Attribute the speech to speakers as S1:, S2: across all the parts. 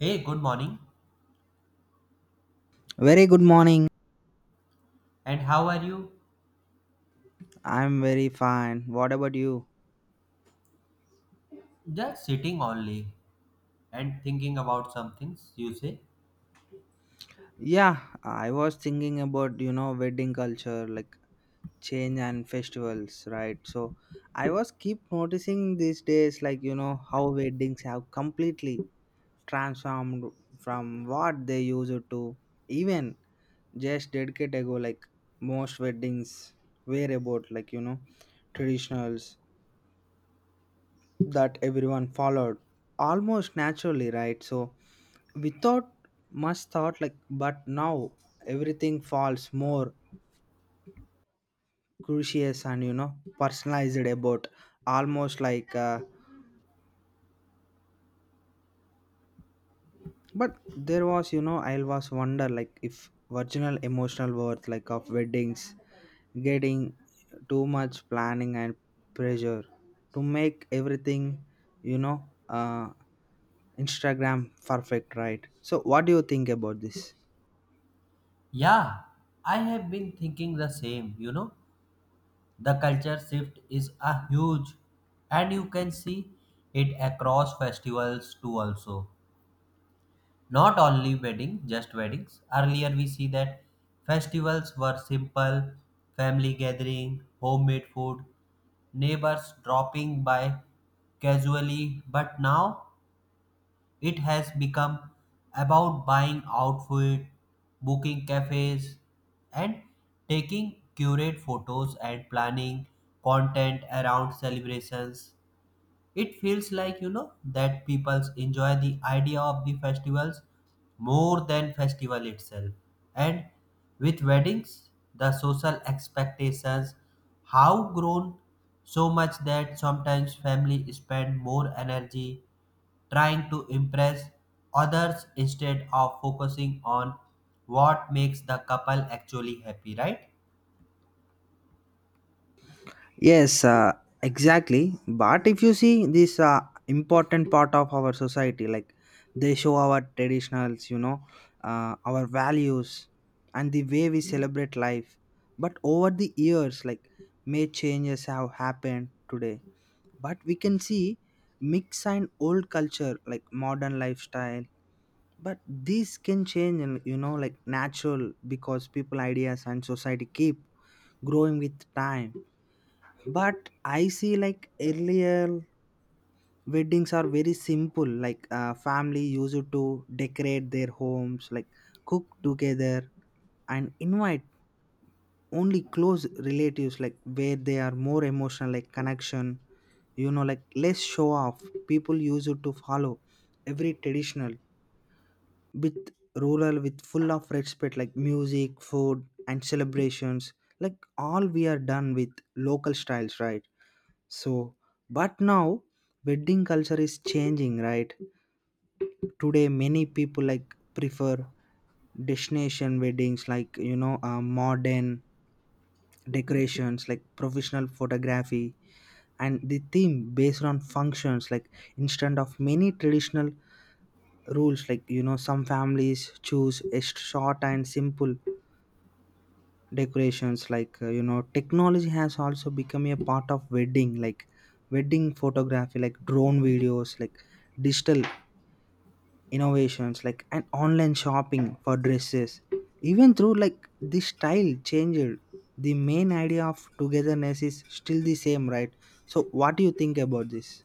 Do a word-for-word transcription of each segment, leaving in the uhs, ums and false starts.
S1: Hey, good morning.
S2: Very good morning.
S1: And how are you?
S2: I'm very fine. What about you?
S1: Just sitting only and thinking about some things you say.
S2: Yeah, I was thinking about, you know, wedding culture, like change and festivals, right? So I was keep noticing these days, like, you know, how weddings have completely transformed from what they used to, even just decade ago, like most weddings were about, like, you know, traditionals that everyone followed almost naturally, right? So without much thought, like, but now everything falls more curious and, you know, personalized about almost like uh, but there was, you know, I was wonder like if original emotional worth like of weddings getting too much planning and pressure to make everything, you know, uh Instagram perfect, right? So what do you think about this?
S1: Yeah, I have been thinking the same, you know. The culture shift is a huge and you can see it across festivals too also. Not only wedding, just weddings. Earlier we see that festivals were simple, family gathering, homemade food, neighbors dropping by casually, but now it has become about buying outfit, booking cafes, and taking curated photos and planning content around celebrations. It feels like, you know, that people enjoy the idea of the festivals more than festival itself. And with weddings, the social expectations have grown so much that sometimes family spend more energy trying to impress others instead of focusing on what makes the couple actually happy, right?
S2: Yes, uh, exactly. But if you see this, uh, important part of our society, like they show our traditionals, you know, uh, our values, and the way we celebrate life. But over the years, like may changes have happened today. But we can see mix and old culture, like modern lifestyle. But this can change, and you know, like natural, because people ideas and society keep growing with time. But I see like earlier weddings are very simple, like uh, family used to decorate their homes, like cook together and invite only close relatives, like where they are more emotional like connection, you know, like less show off. People used to follow every traditional with rural, with full of respect, like music, food and celebrations, like all we are done with local styles, right? So, but now wedding culture is changing, right? Today many people like prefer destination weddings, like, you know, uh, modern decorations, like professional photography and the theme based on functions, like instead of many traditional rules, like, you know, some families choose a short and simple decorations, like, uh, you know, technology has also become a part of wedding, like wedding photography, like drone videos, like digital innovations, like an online shopping for dresses. Even through like the style changed, the main idea of togetherness is still the same, right? So what do you think about this?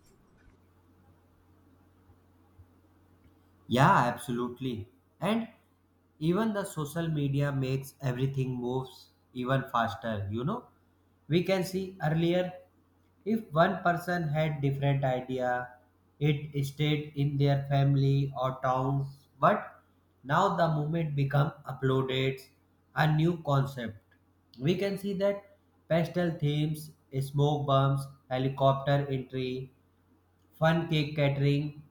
S1: Yeah, absolutely. And even the social media makes everything moves even faster, you know. We can see earlier if one person had different idea, it stayed in their family or towns, but now the movement become uploaded a new concept. We can see that pastel themes, smoke bombs, helicopter entry, fun cake catering.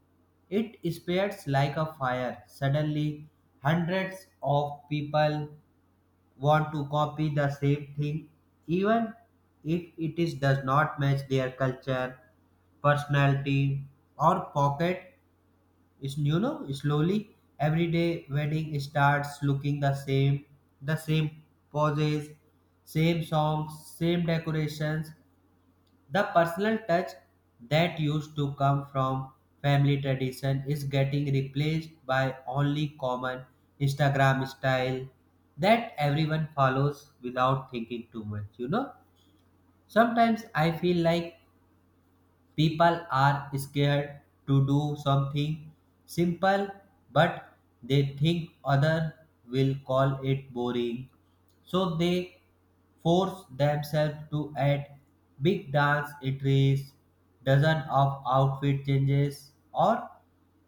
S1: It spreads like a fire. Suddenly, hundreds of people want to copy the same thing, even if it is, does not match their culture, personality, or pocket. Is, you know, slowly everyday wedding starts looking the same, the same poses, same songs, same decorations, the personal touch that used to come from family tradition is getting replaced by only common Instagram style that everyone follows without thinking too much, you know. Sometimes I feel like people are scared to do something simple, but they think others will call it boring. So they force themselves to add big dance entries, dozen of outfit changes, or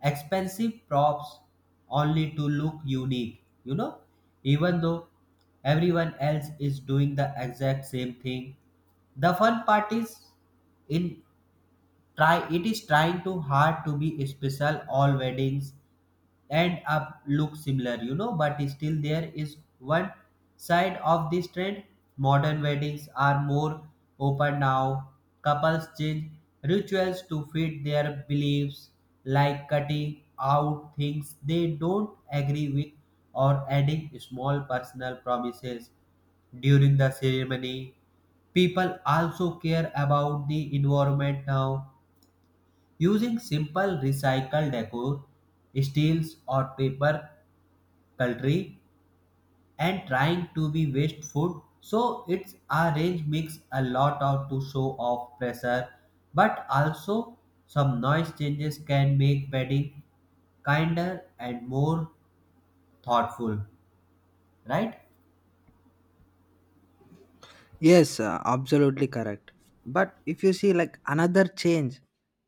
S1: expensive props only to look unique. You know, even though everyone else is doing the exact same thing, the fun part is in try it is trying too hard to be special, all weddings end up look similar, you know. But still there is one side of this trend. Modern weddings are more open now. Couples change rituals to fit their beliefs, like cutting out things they don't agree with, or adding small personal promises during the ceremony. People also care about the environment now. Using simple recycled decor, steels or paper cutlery, and trying to be wasteful. So it's a range mix a lot of to show off pressure, but also some noise changes can make wedding kinder and more thoughtful, right?
S2: Yes, uh, absolutely correct. But if you see like another change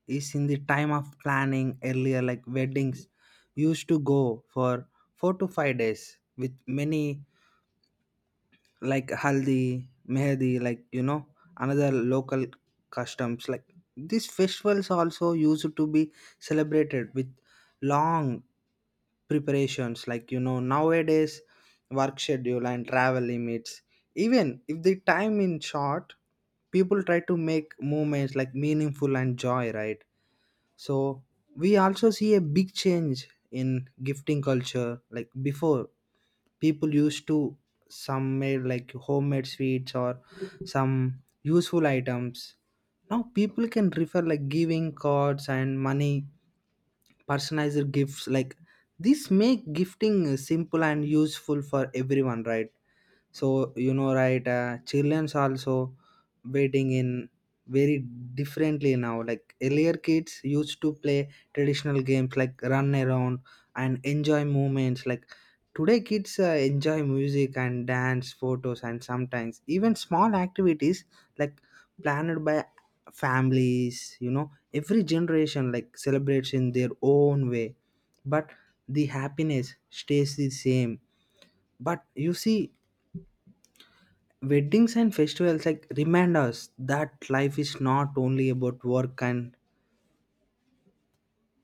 S2: is in the time of planning earlier, like weddings used to go for four to five days with many, like haldi, mehdi, like, you know, another local customs, like these festivals also used to be celebrated with long preparations, like, you know, nowadays work schedule and travel limits, even if the time in short, people try to make moments like meaningful and joy, right? So we also see a big change in gifting culture, like before people used to some made like homemade sweets or some useful items. Now people can refer like giving cards and money, personalized gifts, like this make gifting uh, simple and useful for everyone, right? So you know right, uh, children's also waiting in very differently now, like earlier kids used to play traditional games, like run around and enjoy movements, like today kids uh, enjoy music and dance photos and sometimes even small activities like planned by families. You know, every generation like celebrates in their own way, but the happiness stays the same. But you see, weddings and festivals like remind us that life is not only about work and,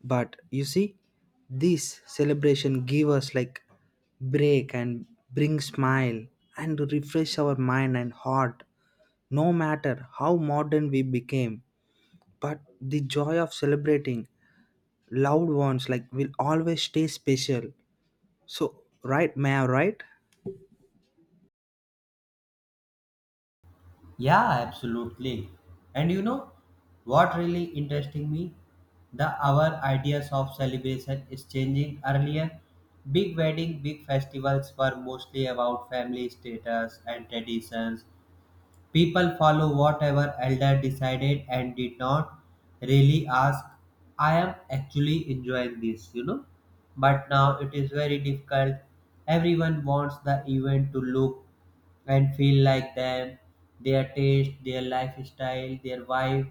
S2: but you see, this celebration give us like break and bring smile and refresh our mind and heart, no matter how modern we became, but the joy of celebrating loved ones like will always stay special. So right, may I right.
S1: Yeah, absolutely. And you know what really interesting me? The our ideas of celebration is changing earlier. Big wedding, big festivals were mostly about family status and traditions. People follow whatever elder decided and did not really ask. I am actually enjoying this, you know. But now it is very difficult. Everyone wants the event to look and feel like them, their taste, their lifestyle, their vibe.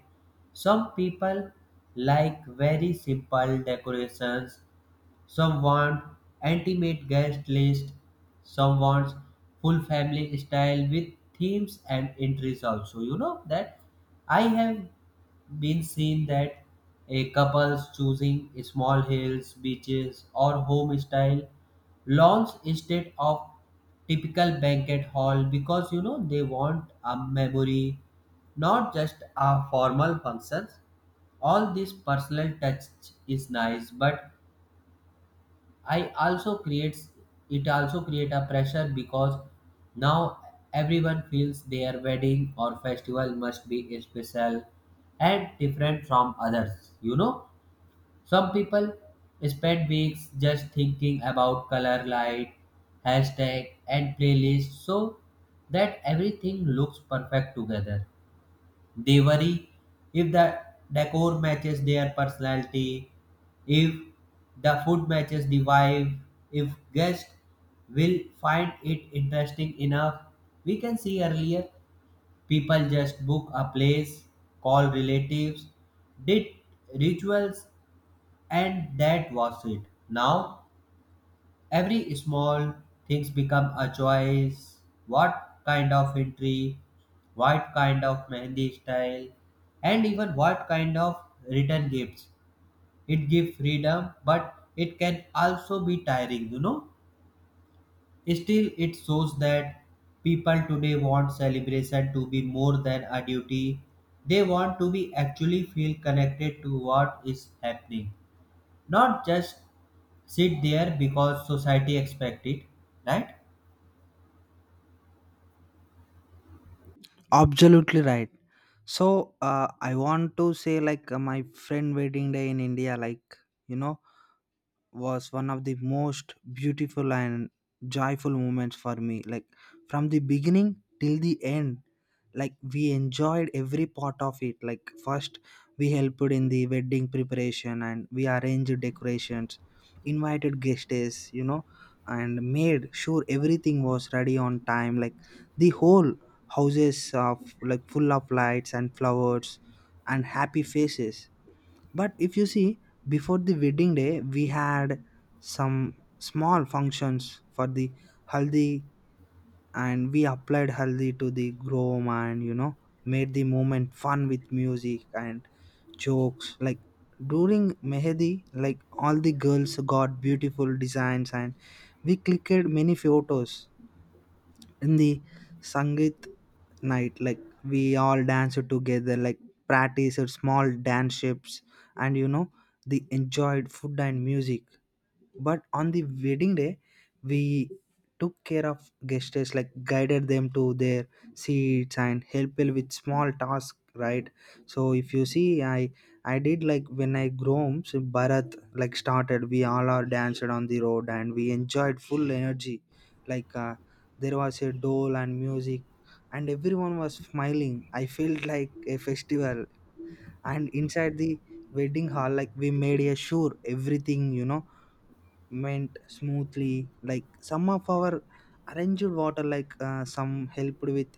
S1: Some people like very simple decorations, some want intimate guest list, some wants full family style with themes and entries also. You know that I have been seen that a couples choosing small hills, beaches or home style lawns instead of typical banquet hall, because you know they want a memory, not just a formal functions. All this personal touch is nice but I also creates, it also create a pressure because now everyone feels their wedding or festival must be special and different from others. You know, some people spend weeks just thinking about color light, hashtag and playlist so that everything looks perfect together. They worry if the decor matches their personality, if the food matches the vibe, if guests will find it interesting enough. We can see earlier people just book a place, call relatives, did rituals, and that was it. Now every small things become a choice. What kind of entry, what kind of mehendi style, and even what kind of return gifts. It gives freedom, but it can also be tiring, you know. Still, it shows that people today want celebration to be more than a duty. They want to be actually feel connected to what is happening, not just sit there because society expect it, right?
S2: Absolutely right. So uh, I want to say like uh, my friend wedding day in India, like, you know, was one of the most beautiful and joyful moments for me, like from the beginning till the end, like we enjoyed every part of it, like first we helped in the wedding preparation and we arranged decorations, invited guests, you know, and made sure everything was ready on time, like the whole houses of like full of lights and flowers and happy faces. But if you see, before the wedding day, we had some small functions for the haldi, and we applied haldi to the groom, and you know, made the moment fun with music and jokes. Like during mehdi, like all the girls got beautiful designs, and we clicked many photos in the sangeet night, like we all danced together, like practiced small dance shapes, and you know, they enjoyed food and music. But on the wedding day, we took care of guests, like guided them to their seats and helped with small tasks, right? So if you see, I I did like when I grew home, so Bharat like started. We all are danced on the road and we enjoyed full energy. Like uh, there was a dole and music, and everyone was smiling. I felt like a festival. And inside the wedding hall, like we made a sure everything, you know, went smoothly, like some of our arranged water, like uh, some helped with,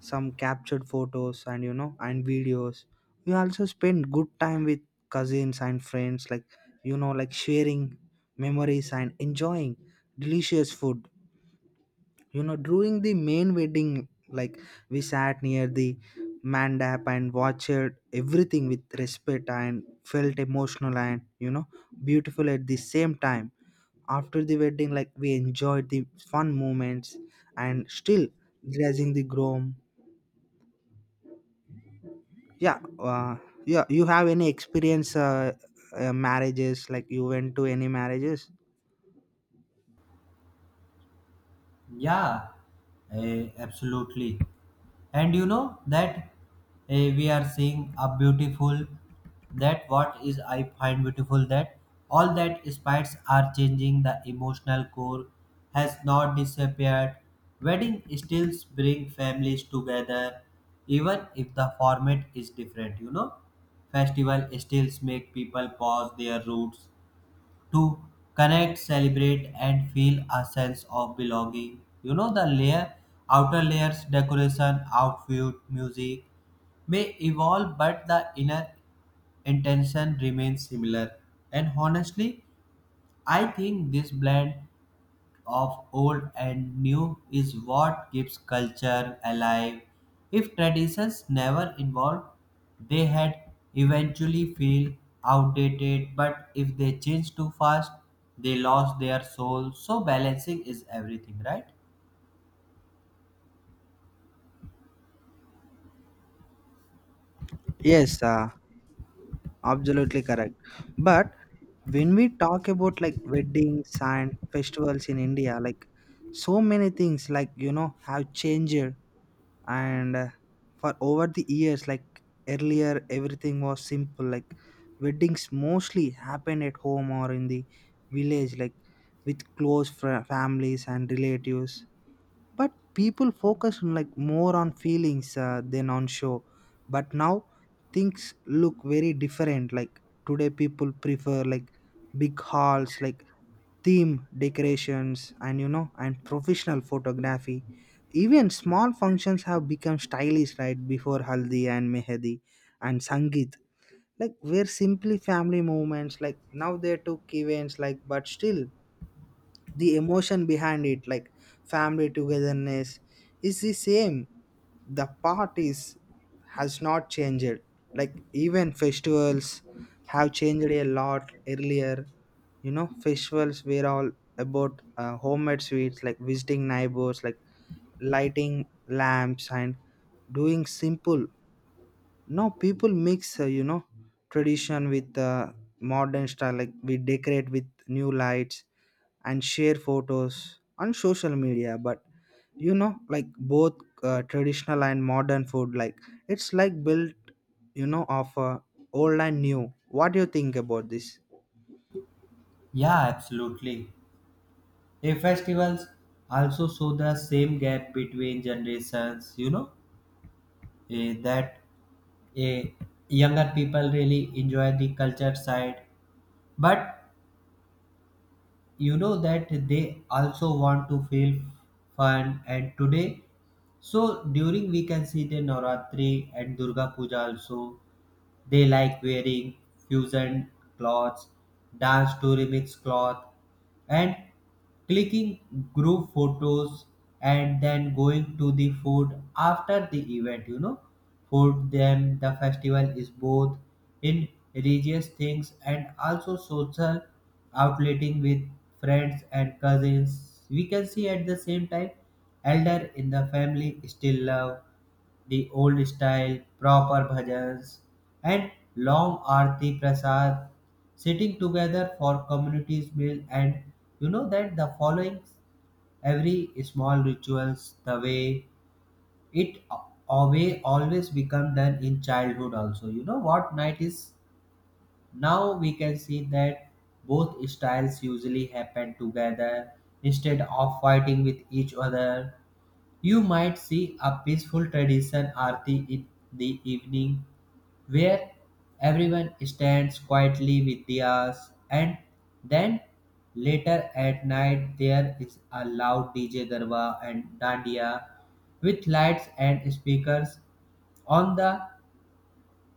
S2: some captured photos and, you know, and videos. We also spent good time with cousins and friends, like, you know, like sharing memories and enjoying delicious food. You know, during the main wedding, like we sat near the mandap and watched everything with respect and felt emotional and, you know, beautiful at the same time. After the wedding, like we enjoyed the fun moments and still dressing the groom. yeah uh, yeah, you have any experience, uh, uh, marriages like you went to any marriages?
S1: Yeah, eh, absolutely. And you know that, eh, we are seeing a beautiful, that what is I find beautiful, that all that spites are changing the emotional core has not disappeared. Wedding still bring families together even if the format is different, you know. Festival still make people pause their roots to connect, celebrate, and feel a sense of belonging. You know, the layer, outer layers, decoration, outfit, music may evolve, but the inner intention remains similar. And honestly, I think this blend of old and new is what keeps culture alive. If traditions never evolved, they had eventually feel outdated, but if they change too fast, they lost their soul. So balancing is everything, right?
S2: Yes, uh, absolutely correct. But when we talk about like weddings and festivals in India, like so many things like, you know, have changed. And uh, for over the years, like earlier everything was simple, like weddings mostly happened at home or in the village, like with close fr- families and relatives. But people focus on like more on feelings uh, than on show. But now things look very different, like today people prefer like big halls, like theme decorations and, you know, and professional photography. Even small functions have become stylish, right? Before haldi and mehdi and sangeet like were simply family moments. Like now they took events like, but still the emotion behind it like family togetherness is the same. The parties has not changed. Like even festivals have changed a lot earlier, you know, festivals were all about uh, homemade sweets, like visiting neighbors, like lighting lamps and doing simple. Now people mix, uh, you know, tradition with, uh, modern style, like we decorate with new lights and share photos on social media. But you know, like both uh, traditional and modern food, like it's like built, you know, of uh, old and new. What do you think about this?
S1: Yeah, absolutely. A festivals also show the same gap between generations, you know, eh, that a younger people really enjoy the culture side, but you know that they also want to feel fun and today. So during we can see the navratri and durga puja also, they like wearing fusion clothes, dance to remix cloth, and clicking group photos and then going to the food after the event, you know. For them the festival is both in religious things and also social outletting with friends and cousins. We can see at the same time elder in the family still love the old style, proper bhajans, and long arti prasad, sitting together for communities meal. And you know that the following every small rituals, the way it away always become done in childhood also. You know what night is, now we can see that both styles usually happen together instead of fighting with each other. You might see a peaceful tradition aarti in the evening where everyone stands quietly with diyas and then later at night there is a loud D J darwa and dandiya with lights and speakers. On the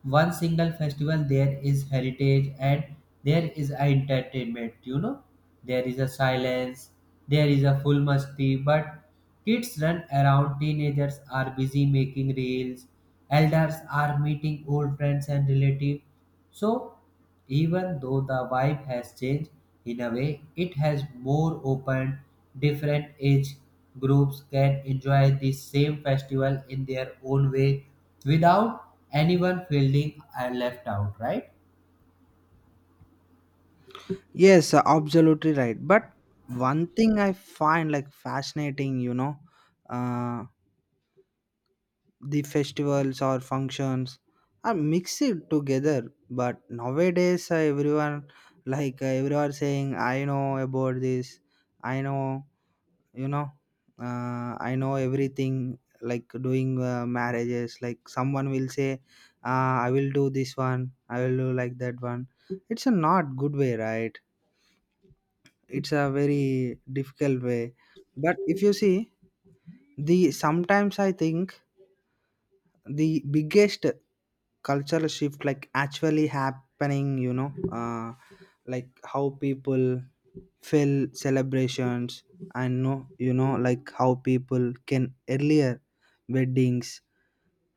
S1: one single festival, there is heritage and there is entertainment, you know. There is a silence, there is a full musty. But kids run around, teenagers are busy making reels, elders are meeting old friends and relatives. So even though the vibe has changed, in a way, it has more open, different age groups can enjoy the same festival in their own way without anyone feeling uh, left out, right?
S2: Yes, uh, absolutely right. But one thing I find like fascinating, you know, uh, the festivals or functions are mixed together. But nowadays uh, everyone like uh, everyone saying I know about this. I know, you know, uh, I know everything, like doing uh, marriages, like someone will say, uh, I will do this one, I will do like that one. It's a not good way, right? It's a very difficult way. But if you see, the sometimes I think the biggest cultural shift like actually happening, you know, uh, like how people feel celebrations and no, you know, like how people can earlier weddings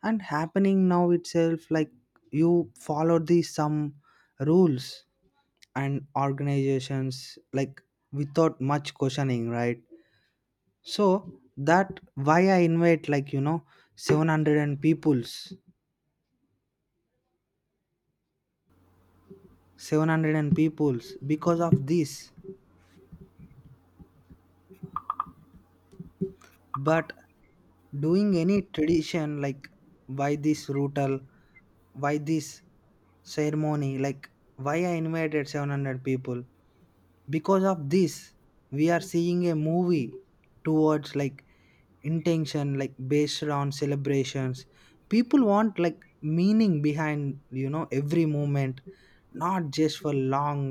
S2: and happening now itself, like you follow the some rules and organizations like without much questioning, right? So that why I invite like, you know, seven hundred and peoples, seven hundred and peoples because of this. But doing any tradition, like why this ritual, why this ceremony, like why I invited seven hundred people because of this. We are seeing a movie towards like intention like based on celebrations. People want like meaning behind, you know, every moment, not just for long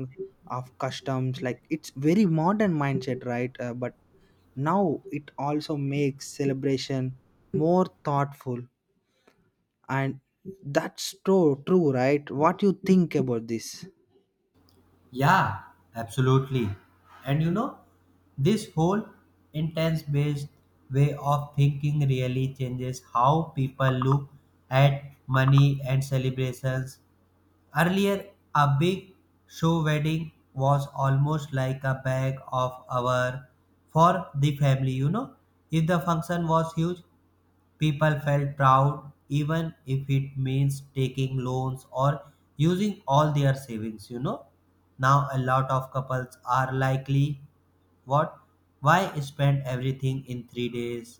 S2: of customs, like it's very modern mindset, right? Uh, but now it also makes celebration more thoughtful. And that's true true right? What you think about this?
S1: Yeah, absolutely. And you know, this whole intense based way of thinking really changes how people look at money and celebrations. Earlier, a big show wedding was almost like a bag of our for the family, you know. If the function was huge, people felt proud even if it means taking loans or using all their savings, you know. Now a lot of couples are likely what? Why spend everything in three days?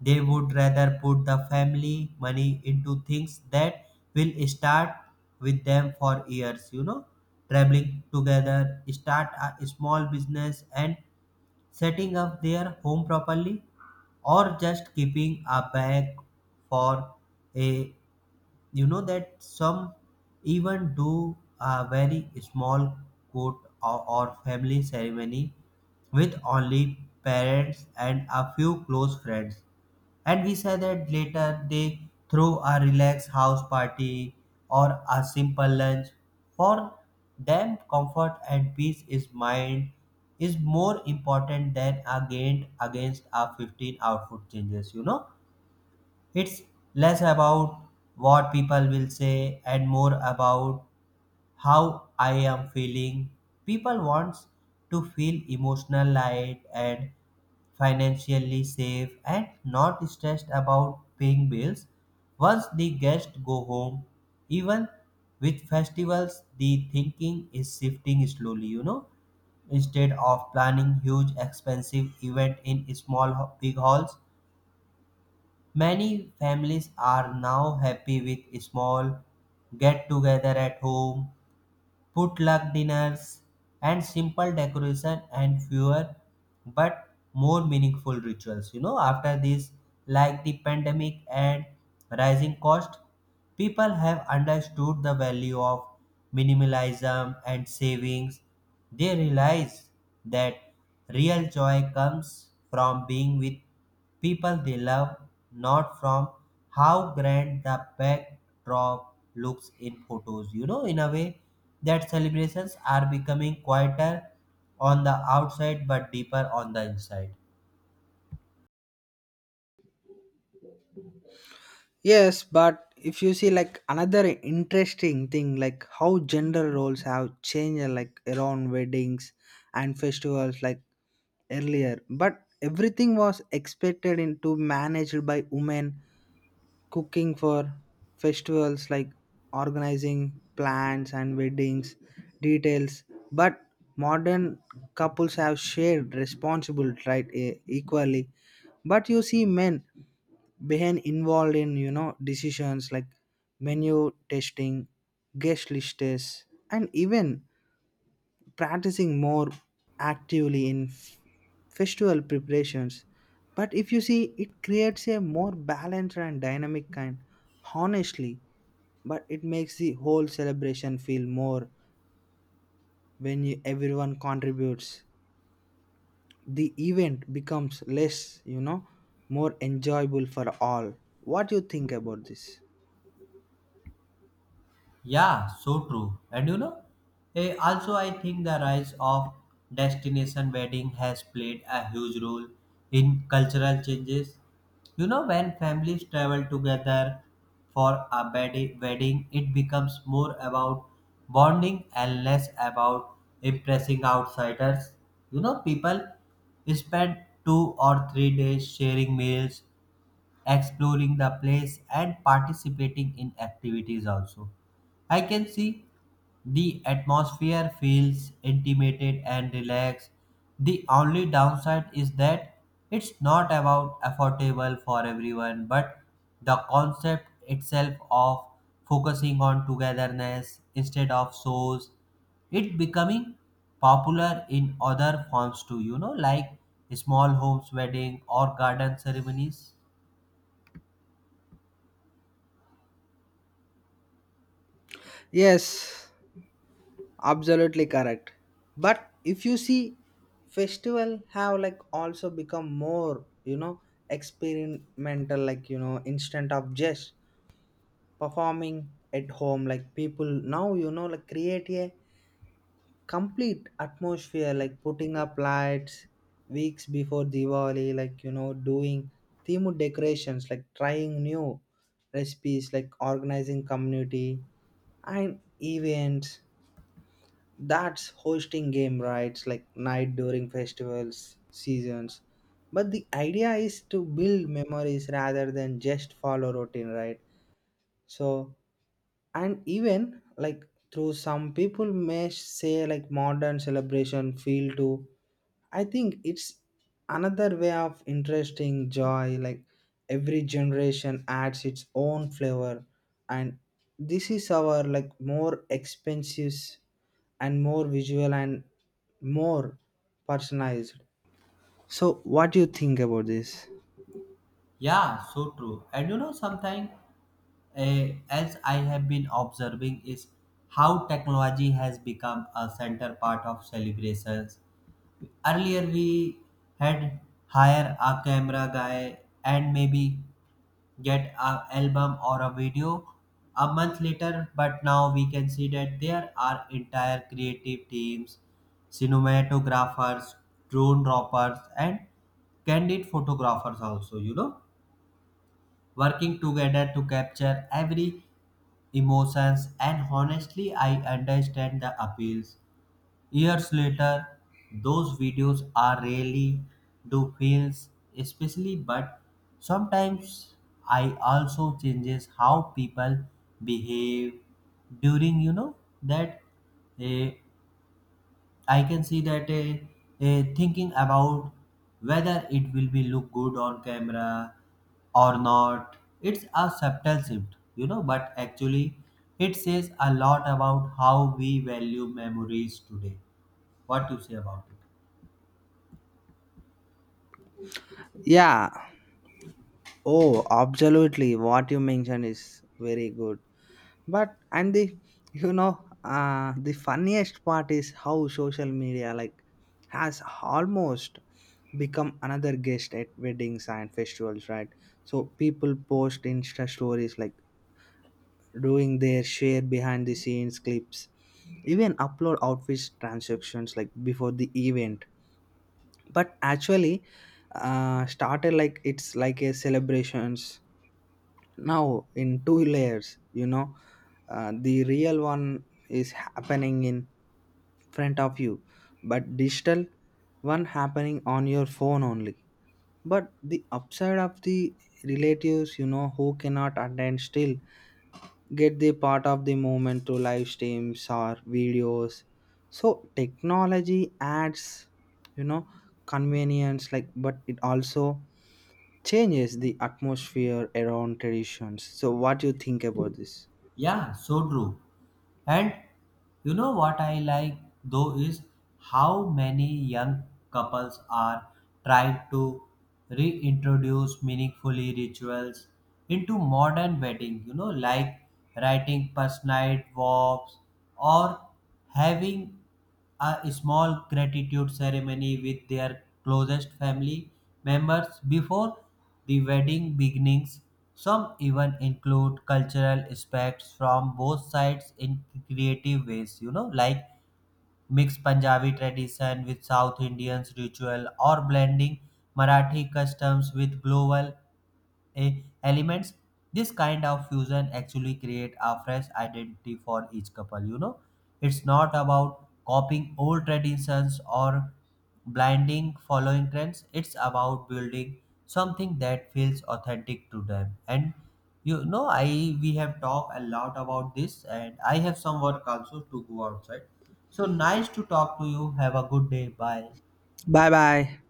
S1: They would rather put the family money into things that will start with them for years, you know, traveling together, start a small business, and setting up their home properly, or just keeping a bag for a, you know, that some even do a very small court or, or family ceremony with only parents and a few close friends. And we say that later they throw a relaxed house party or a simple lunch. For them, comfort and peace is mind is more important than a gain against a fifteen output changes, you know? It's less about what people will say and more about how I am feeling. People want to feel emotional light and financially safe and not stressed about paying bills. Once the guests go home, even with festivals, the thinking is shifting slowly, you know. Instead of planning huge expensive event in small ho- big halls, many families are now happy with small get-together at home, potluck dinners, and simple decoration and fewer but more meaningful rituals. You know, after this, like the pandemic and rising cost, people have understood the value of minimalism and savings. They realize that real joy comes from being with people they love, not from how grand the backdrop looks in photos. You know, in a way, that celebrations are becoming quieter on the outside but deeper on the inside.
S2: Yes, but if you see like another interesting thing, like how gender roles have changed, like around weddings and festivals, like earlier. But everything was expected into managed by women, cooking for festivals, like organizing plans and weddings details. But modern couples have shared responsibility, right, e- equally. But you see men behind involved in, you know, decisions like menu testing, guest lists, and even practicing more actively in f- festival preparations. But if you see, it creates a more balanced and dynamic kind, honestly. But it makes the whole celebration feel more when you, everyone contributes. The event becomes less, you know, more enjoyable for all. What do you think about this?
S1: Yeah, so true. And you know, eh, also I think the rise of destination wedding has played a huge role in cultural changes. You know, when families travel together for a wedi- wedding, it becomes more about bonding and less about impressing outsiders. You know, people spend two or three days sharing meals, exploring the place and participating in activities also. I can see the atmosphere feels intimated and relaxed. The only downside is that it's not about affordable for everyone, but the concept itself of focusing on togetherness instead of shows, it becoming popular in other forms too, you know, like small homes wedding or garden ceremonies.
S2: Yes, absolutely correct. But if you see, festival have like also become more, you know, experimental, like, you know, instant of just performing at home, like people now, you know, like create a complete atmosphere, like putting up lights weeks before Diwali, like, you know, doing themed decorations, like trying new recipes, like organizing community and events, that's hosting game rights like night during festivals seasons. But the idea is to build memories rather than just follow routine, right? So and even like through some people may say like modern celebration feel too, I think it's another way of interesting joy, like every generation adds its own flavor, and this is our like more expensive and more visual and more personalized. So, what do you think about this?
S1: Yeah, so true. And you know, something uh, else I have been observing is how technology has become a center part of celebrations. Earlier, we had hire a camera guy and maybe get an album or a video a month later, but now we can see that there are entire creative teams, cinematographers, drone droppers, and candid photographers also, you know, working together to capture every emotions, and honestly I understand the appeals. Years later, those videos are really do feels especially, but sometimes I also changes how people behave during, you know, that eh, I can see that, uh, uh, thinking about whether it will be look good on camera or not. It's a subtle shift, you know, but actually it says a lot about how we value memories today. What do you say about it?
S2: Yeah. Oh, absolutely. What you mentioned is very good. But and the, you know, uh, the funniest part is how social media like has almost become another guest at weddings and festivals, right? So people post Insta stories, like doing their share behind the scenes clips, even upload outfits transactions like before the event. But actually uh, started like it's like a celebrations now in two layers, you know, uh, the real one is happening in front of you, but digital one happening on your phone only. But the upside of the relatives, you know, who cannot attend still get the part of the movement to live streams or videos. So technology adds, you know, convenience, like but it also changes the atmosphere around traditions. So what do you think about this?
S1: Yeah, so true. And you know what I like though is how many young couples are trying to reintroduce meaningfully rituals into modern wedding, you know, like writing personalized vows or having a small gratitude ceremony with their closest family members before the wedding begins. Some even include cultural aspects from both sides in creative ways, you know, like mix Punjabi tradition with South Indians ritual or blending Marathi customs with global a elements. This kind of fusion actually create a fresh identity for each couple, you know. It's not about copying old traditions or blinding following trends, it's about building something that feels authentic to them. And you know, i we have talked a lot about this and I have some work also to go outside, so nice to talk to you. Have a good day. Bye.
S2: Bye bye.